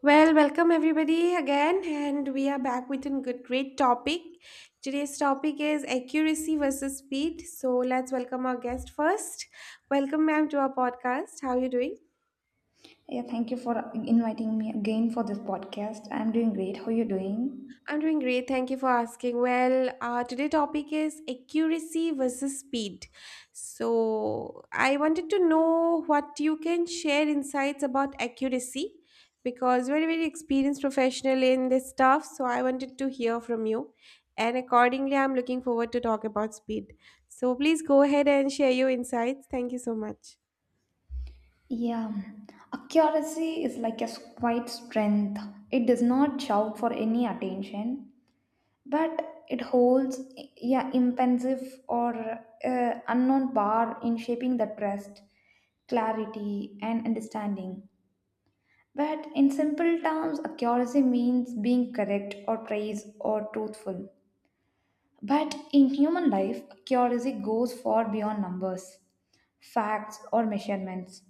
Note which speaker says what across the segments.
Speaker 1: Well, welcome everybody again, and we are back with a great topic. Today's topic is accuracy versus speed. So let's welcome our guest first. Welcome, ma'am, to our podcast. How are you doing?
Speaker 2: Yeah, thank you for inviting me again for this podcast. I'm doing great. How are you doing?
Speaker 1: I'm doing great. Thank you for asking. Well, today topic is accuracy versus speed. So I wanted to know what you can share insights about accuracy because very experienced professional in this stuff. So I wanted to hear from you, and accordingly, I'm looking forward to talk about speed. So please go ahead and share your insights. Thank you so much.
Speaker 2: Yeah, accuracy is like a quiet strength. It does not shout for any attention, but it holds yeah impensive or unknown power in shaping the trust, clarity, and understanding. But in simple terms, accuracy means being correct or precise or truthful. But in human life, curiosity goes far beyond numbers, facts, or measurements.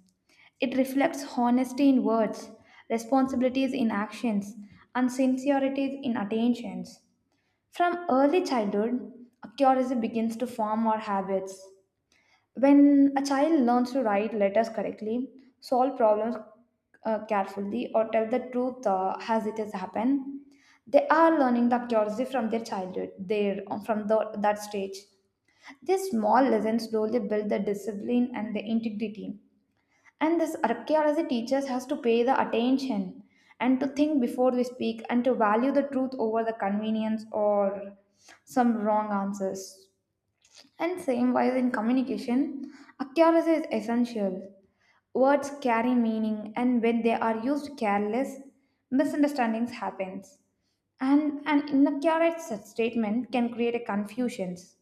Speaker 2: It reflects honesty in words, responsibilities in actions, and sincerities in attentions. From early childhood, curiosity begins to form our habits. When a child learns to write letters correctly, solve problems carefully, or tell the truth as it has happened, they are learning the accuracy from their childhood, there from that stage. These small lessons slowly build the discipline and the integrity. And this archaeology teaches us to pay the attention and to think before we speak and to value the truth over the convenience or some wrong answers. And same wise in communication, accuracy is essential. Words carry meaning and when they are used careless, misunderstandings happens. And an inaccurate statement can create a confusions.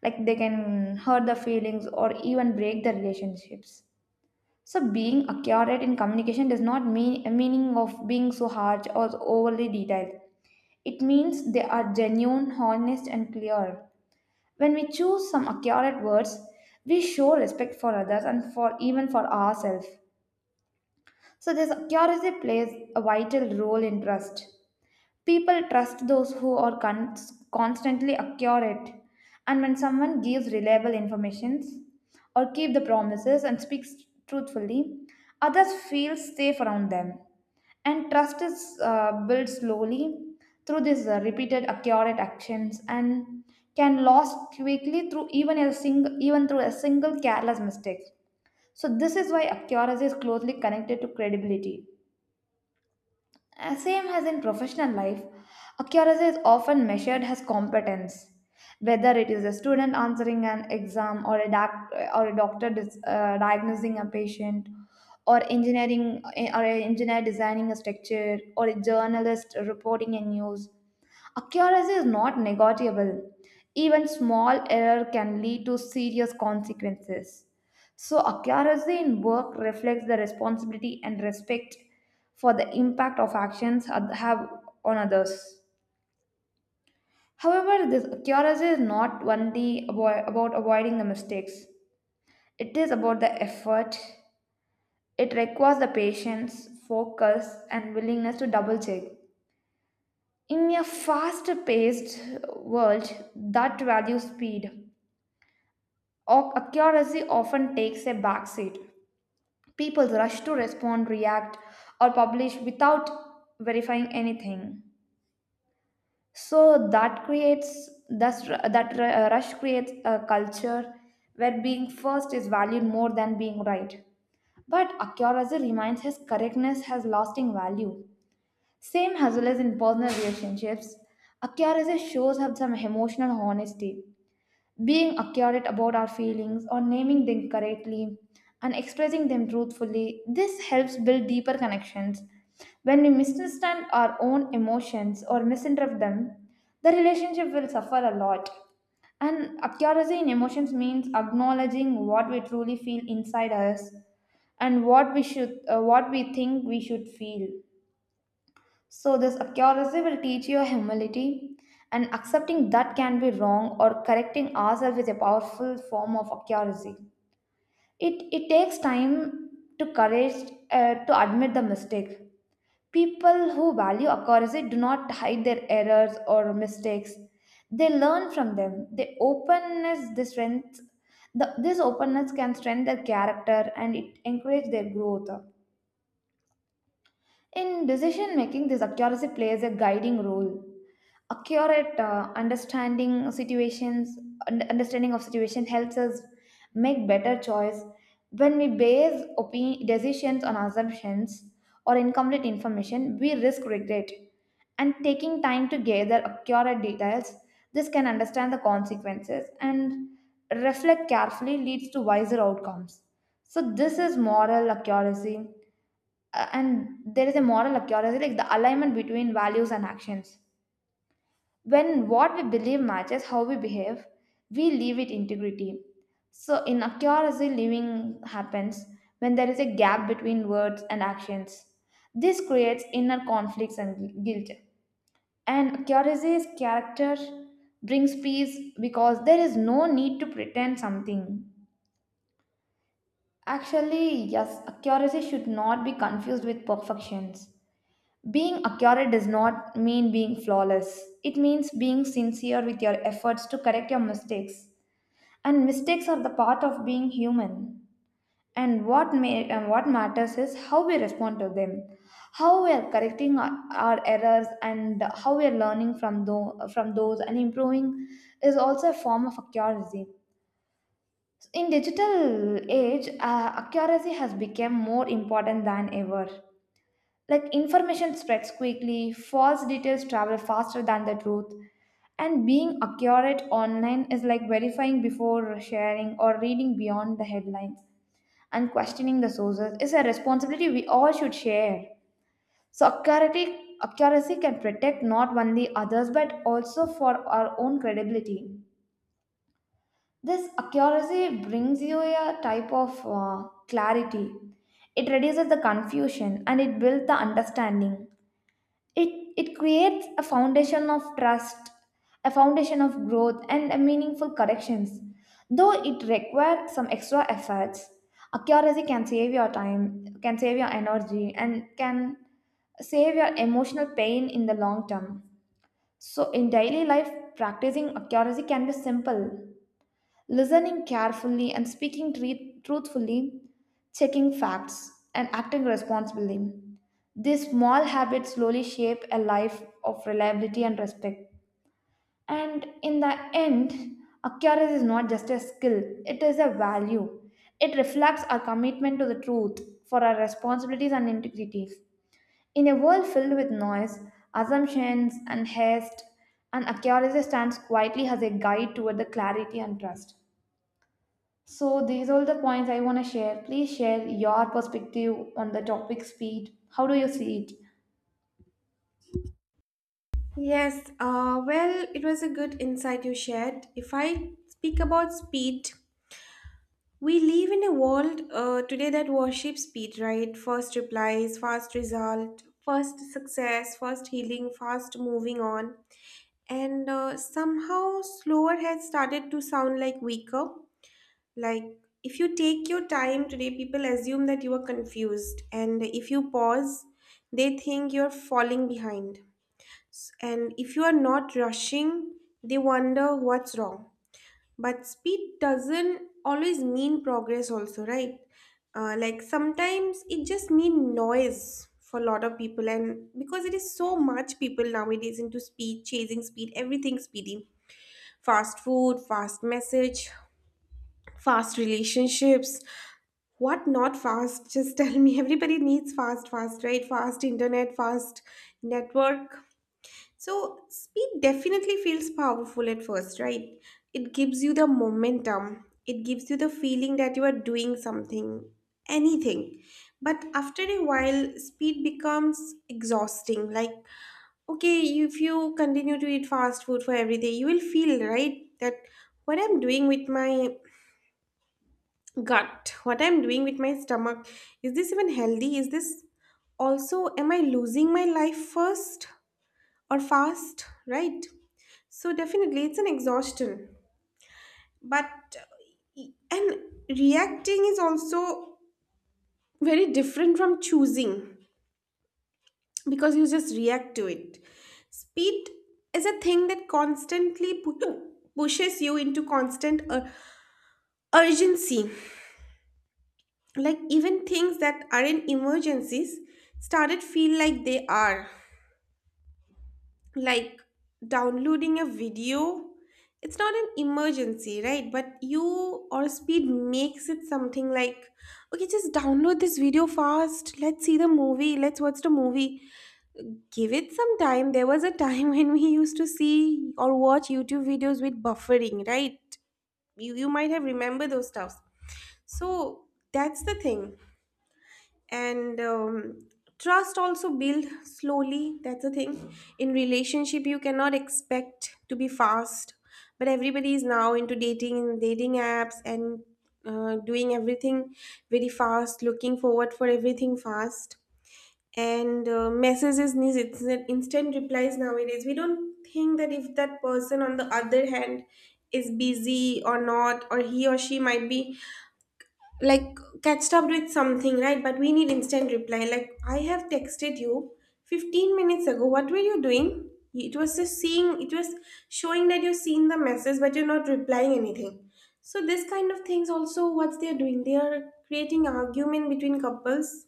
Speaker 2: Like they can hurt the feelings or even break the relationships. So being accurate in communication does not mean a meaning of being so harsh or overly detailed. It means they are genuine, honest and clear. When we choose some accurate words, we show respect for others and for even for ourselves. So this accuracy plays a vital role in trust. People trust those who are constantly accurate, and when someone gives reliable information or keep the promises and speaks truthfully, others feel safe around them. And trust is built slowly through these repeated accurate actions and can lose quickly through even through a single careless mistake. So this is why accuracy is closely connected to credibility. Same as in professional life, accuracy is often measured as competence. Whether it is a student answering an exam or or a doctor diagnosing a patient, or or an engineer designing a structure, or a journalist reporting a news, accuracy is not negotiable. Even small error can lead to serious consequences. So, accuracy in work reflects the responsibility and respect for the impact of actions have on others. However, this accuracy is not only about avoiding the mistakes, it is about the effort. It requires the patience, focus, and willingness to double check. In a fast paced world that values speed, accuracy often takes a backseat. People rush to respond, react, or publish without verifying anything. So that creates thus that rush creates a culture where being first is valued more than being right. But accuracy reminds his correctness has lasting value. Same hustle as in personal relationships, accuracy shows up some emotional honesty. Being accurate about our feelings or naming them correctly and expressing them truthfully, this helps build deeper connections. When we misunderstand our own emotions or misinterpret them, the relationship will suffer a lot. And accuracy in emotions means acknowledging what we truly feel inside us and what we think we should feel, so this accuracy will teach you humility, and accepting that can be wrong or correcting ourselves is a powerful form of accuracy. It takes time to courage to admit the mistake. People who value accuracy do not hide their errors or mistakes. They learn from them. The openness, the strength, this openness can strengthen their character and it encourages their growth. In decision making, this accuracy plays a guiding role, accurate understanding situations, understanding of situation helps us make better choice when we base opinion, decisions on assumptions or incomplete information we risk regret, and taking time to gather accurate details, this can understand the consequences and reflect carefully leads to wiser outcomes. So this is moral accuracy. And there is a moral accuracy like the alignment between values and actions. When what we believe matches how we behave, we live with integrity. So, in accuracy, living happens when there is a gap between words and actions. This creates inner conflicts and guilt. And accuracy's character brings peace because there is no need to pretend something. Actually, yes, accuracy should not be confused with perfections. Being accurate does not mean being flawless. It means being sincere with your efforts to correct your mistakes. And mistakes are the part of being human. And what matters is how we respond to them, how we are correcting our errors, and how we are learning from from those and improving is also a form of accuracy. In digital age, accuracy has become more important than ever. Like information spreads quickly, false details travel faster than the truth, and being accurate online is like verifying before sharing or reading beyond the headlines and questioning the sources is a responsibility we all should share. So accuracy can protect not only others but also for our own credibility. This accuracy brings you a type of clarity. It reduces the confusion and it builds the understanding. It it creates a foundation of trust, a foundation of growth and a meaningful corrections. Though it requires some extra efforts, accuracy can save your time, can save your energy and can save your emotional pain in the long term. So in daily life, practicing accuracy can be simple. Listening carefully and speaking truthfully, checking facts, and acting responsibly. These small habits slowly shape a life of reliability and respect. And in the end, accuracy is not just a skill, it is a value. It reflects our commitment to the truth, for our responsibilities and integrities. In a world filled with noise, assumptions, and haste, and accuracy stands quietly as a guide toward the clarity and trust. So these are all the points I want to share. Please share your perspective on the topic speed. How do you see it?
Speaker 1: Yes, well, it was a good insight you shared. If I speak about speed, we live in a world today that worships speed, right? First replies, fast result, first success, first healing, fast moving on. And somehow slower has started to sound like weaker. Like if you take your time today, people assume that you are confused. And if you pause, they think you're falling behind. And if you are not rushing, they wonder what's wrong. But speed doesn't always mean progress, also, right? Like sometimes it just mean noise for a lot of people, and because it is so much people nowadays into speed, chasing speed, everything speedy, fast food, fast message, fast relationships. What not fast? Just tell me. Everybody needs fast, fast, right? Fast internet, fast network. So, speed definitely feels powerful at first, right? It gives you the momentum, it gives you the feeling that you are doing something, anything. But after a while, speed becomes exhausting. Like, okay, if you continue to eat fast food for every day, you will feel, right, that what I'm doing with my gut, what I'm doing with my stomach, is this even healthy? Is this also, am I losing my life first or fast, right? So definitely, it's an exhaustion. But and reacting is also very different from choosing because you just react to it. Speed is a thing that constantly pushes you into constant urgency. Like even things that aren't emergencies started feel like they are. Like downloading a video, it's not an emergency, right? But you, or speed makes it something like, okay, just download this video fast, let's see the movie, let's watch the movie. Give it some time. There was a time when we used to see or watch YouTube videos with buffering, right? You might have remembered those stuffs. So that's the thing. And trust also build slowly, that's the thing. In relationship you cannot expect to be fast, but everybody is now into dating apps and doing everything very fast, looking forward for everything fast. And messages needs, it's instant replies nowadays. We don't think that if that person on the other hand is busy or not, or he or she might be like catch up with something, right? But we need instant reply, like I have texted you 15 minutes ago, what were you doing? It was just seeing, it was showing that you've seen the message but you're not replying anything. So this kind of things also, what they're doing, they are creating argument between couples,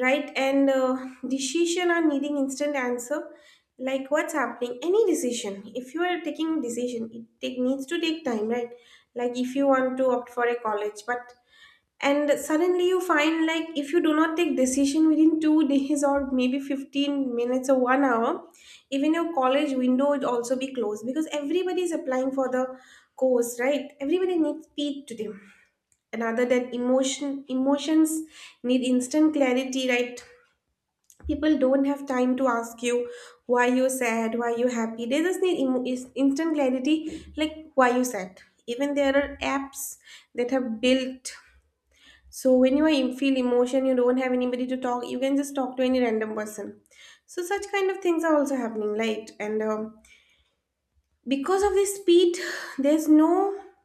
Speaker 1: right? And decision are needing instant answer. Like what's happening, any decision, if you are taking decision, needs to take time, right? Like if you want to opt for a college, but and suddenly you find like if you do not take decision within 2 days or maybe 15 minutes or 1 hour, even your college window would also be closed because everybody is applying for the course, right? Everybody needs speed today. And other than emotions need instant clarity, right? People don't have time to ask you why you sad, why you happy, they just need instant clarity. Like why you sad, even there are apps that have built, so when you are feel emotion, you don't have anybody to talk, you can just talk to any random person. So such kind of things are also happening, right? And because of the speed, there's no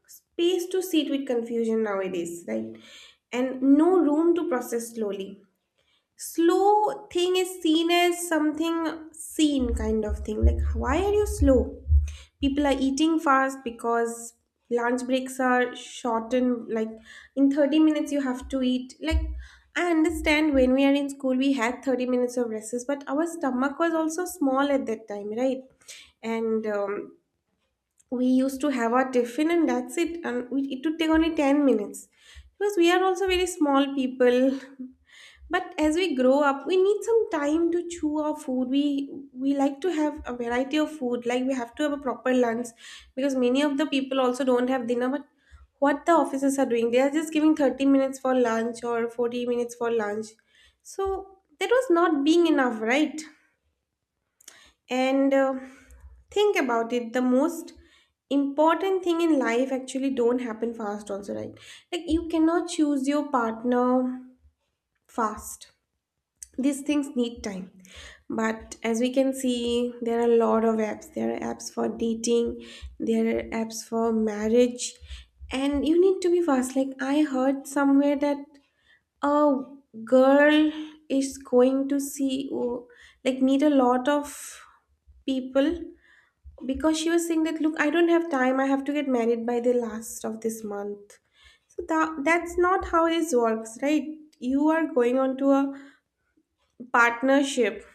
Speaker 1: space to sit with confusion nowadays, right? And no room to process slowly. Slow thing is seen as something, seen kind of thing, like why are you slow. People are eating fast because lunch breaks are shortened, like in 30 minutes you have to eat. Like I understand when we are in school we had 30 minutes of recess, but our stomach was also small at that time, right? And we used to have our tiffin and that's it, and we, it would take only 10 minutes because we are also very small people. But as we grow up we need some time to chew our food, we like to have a variety of food, like we have to have a proper lunch, because many of the people also don't have dinner. But what the offices are doing, they are just giving 30 minutes for lunch or 40 minutes for lunch, so that was not being enough, right? And think about it, the most important thing in life actually don't happen fast also, right? Like you cannot choose your partner fast. These things need time. But as we can see, there are a lot of apps. There are apps for dating, there are apps for marriage, and you need to be fast. Like I heard somewhere that a girl is going to see, oh, like meet a lot of people because she was saying that look, I don't have time, I have to get married by the last of this month. So that's not how this works, right? You are going on to a partnership,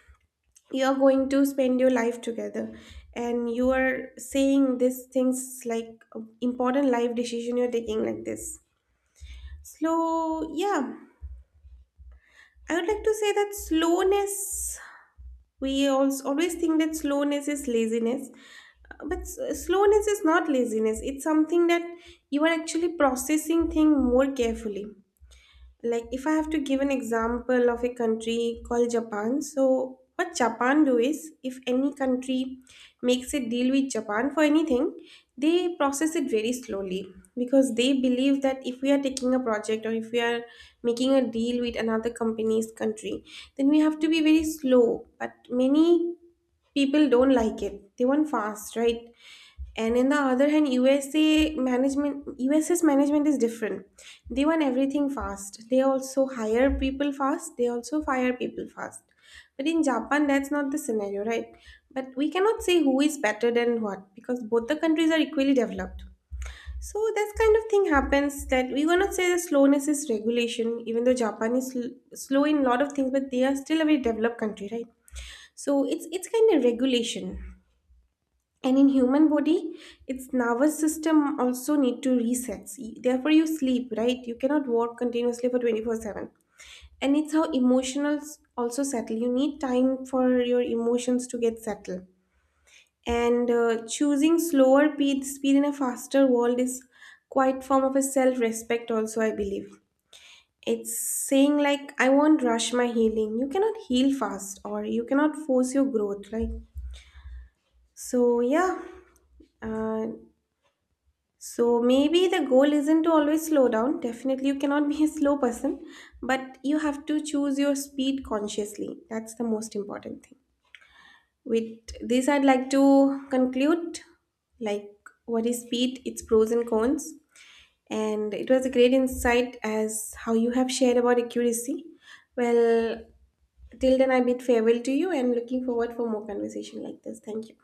Speaker 1: you are going to spend your life together, and you are saying these things like important life decision you're taking like this. Slow, yeah, I would like to say that slowness, we also always think that slowness is laziness, but slowness is not laziness. It's something that you are actually processing thing more carefully. Like if I have to give an example of a country called Japan, so what Japan do is, if any country makes a deal with Japan for anything, they process it very slowly because they believe that if we are taking a project or if we are making a deal with another company's country, then we have to be very slow. But many people don't like it, they want fast, right? And in the other hand, USA management, USA's management is different. They want everything fast, they also hire people fast, they also fire people fast. But in Japan that's not the scenario, right? But we cannot say who is better than what, because both the countries are equally developed. So that kind of thing happens, that we cannot say the slowness is regulation, even though Japan is slow in a lot of things, but they are still a very developed country, right? So it's kind of regulation. And in human body its nervous system also need to reset. See, therefore you sleep, right? You cannot work continuously for 24/7. And it's how emotions also settle, you need time for your emotions to get settled. And choosing slower speed in a faster world is quite form of a self respect also, I believe. It's saying like I won't rush my healing, you cannot heal fast or you cannot force your growth, right? So, yeah. Uh, so, maybe the goal isn't to always slow down. Definitely, you cannot be a slow person, but you have to choose your speed consciously. That's the most important thing. With this, I'd like to conclude like what is speed, its pros and cons. And it was a great insight as how you have shared about accuracy. Well, till then, I bid farewell to you and looking forward for more conversation like this. Thank you.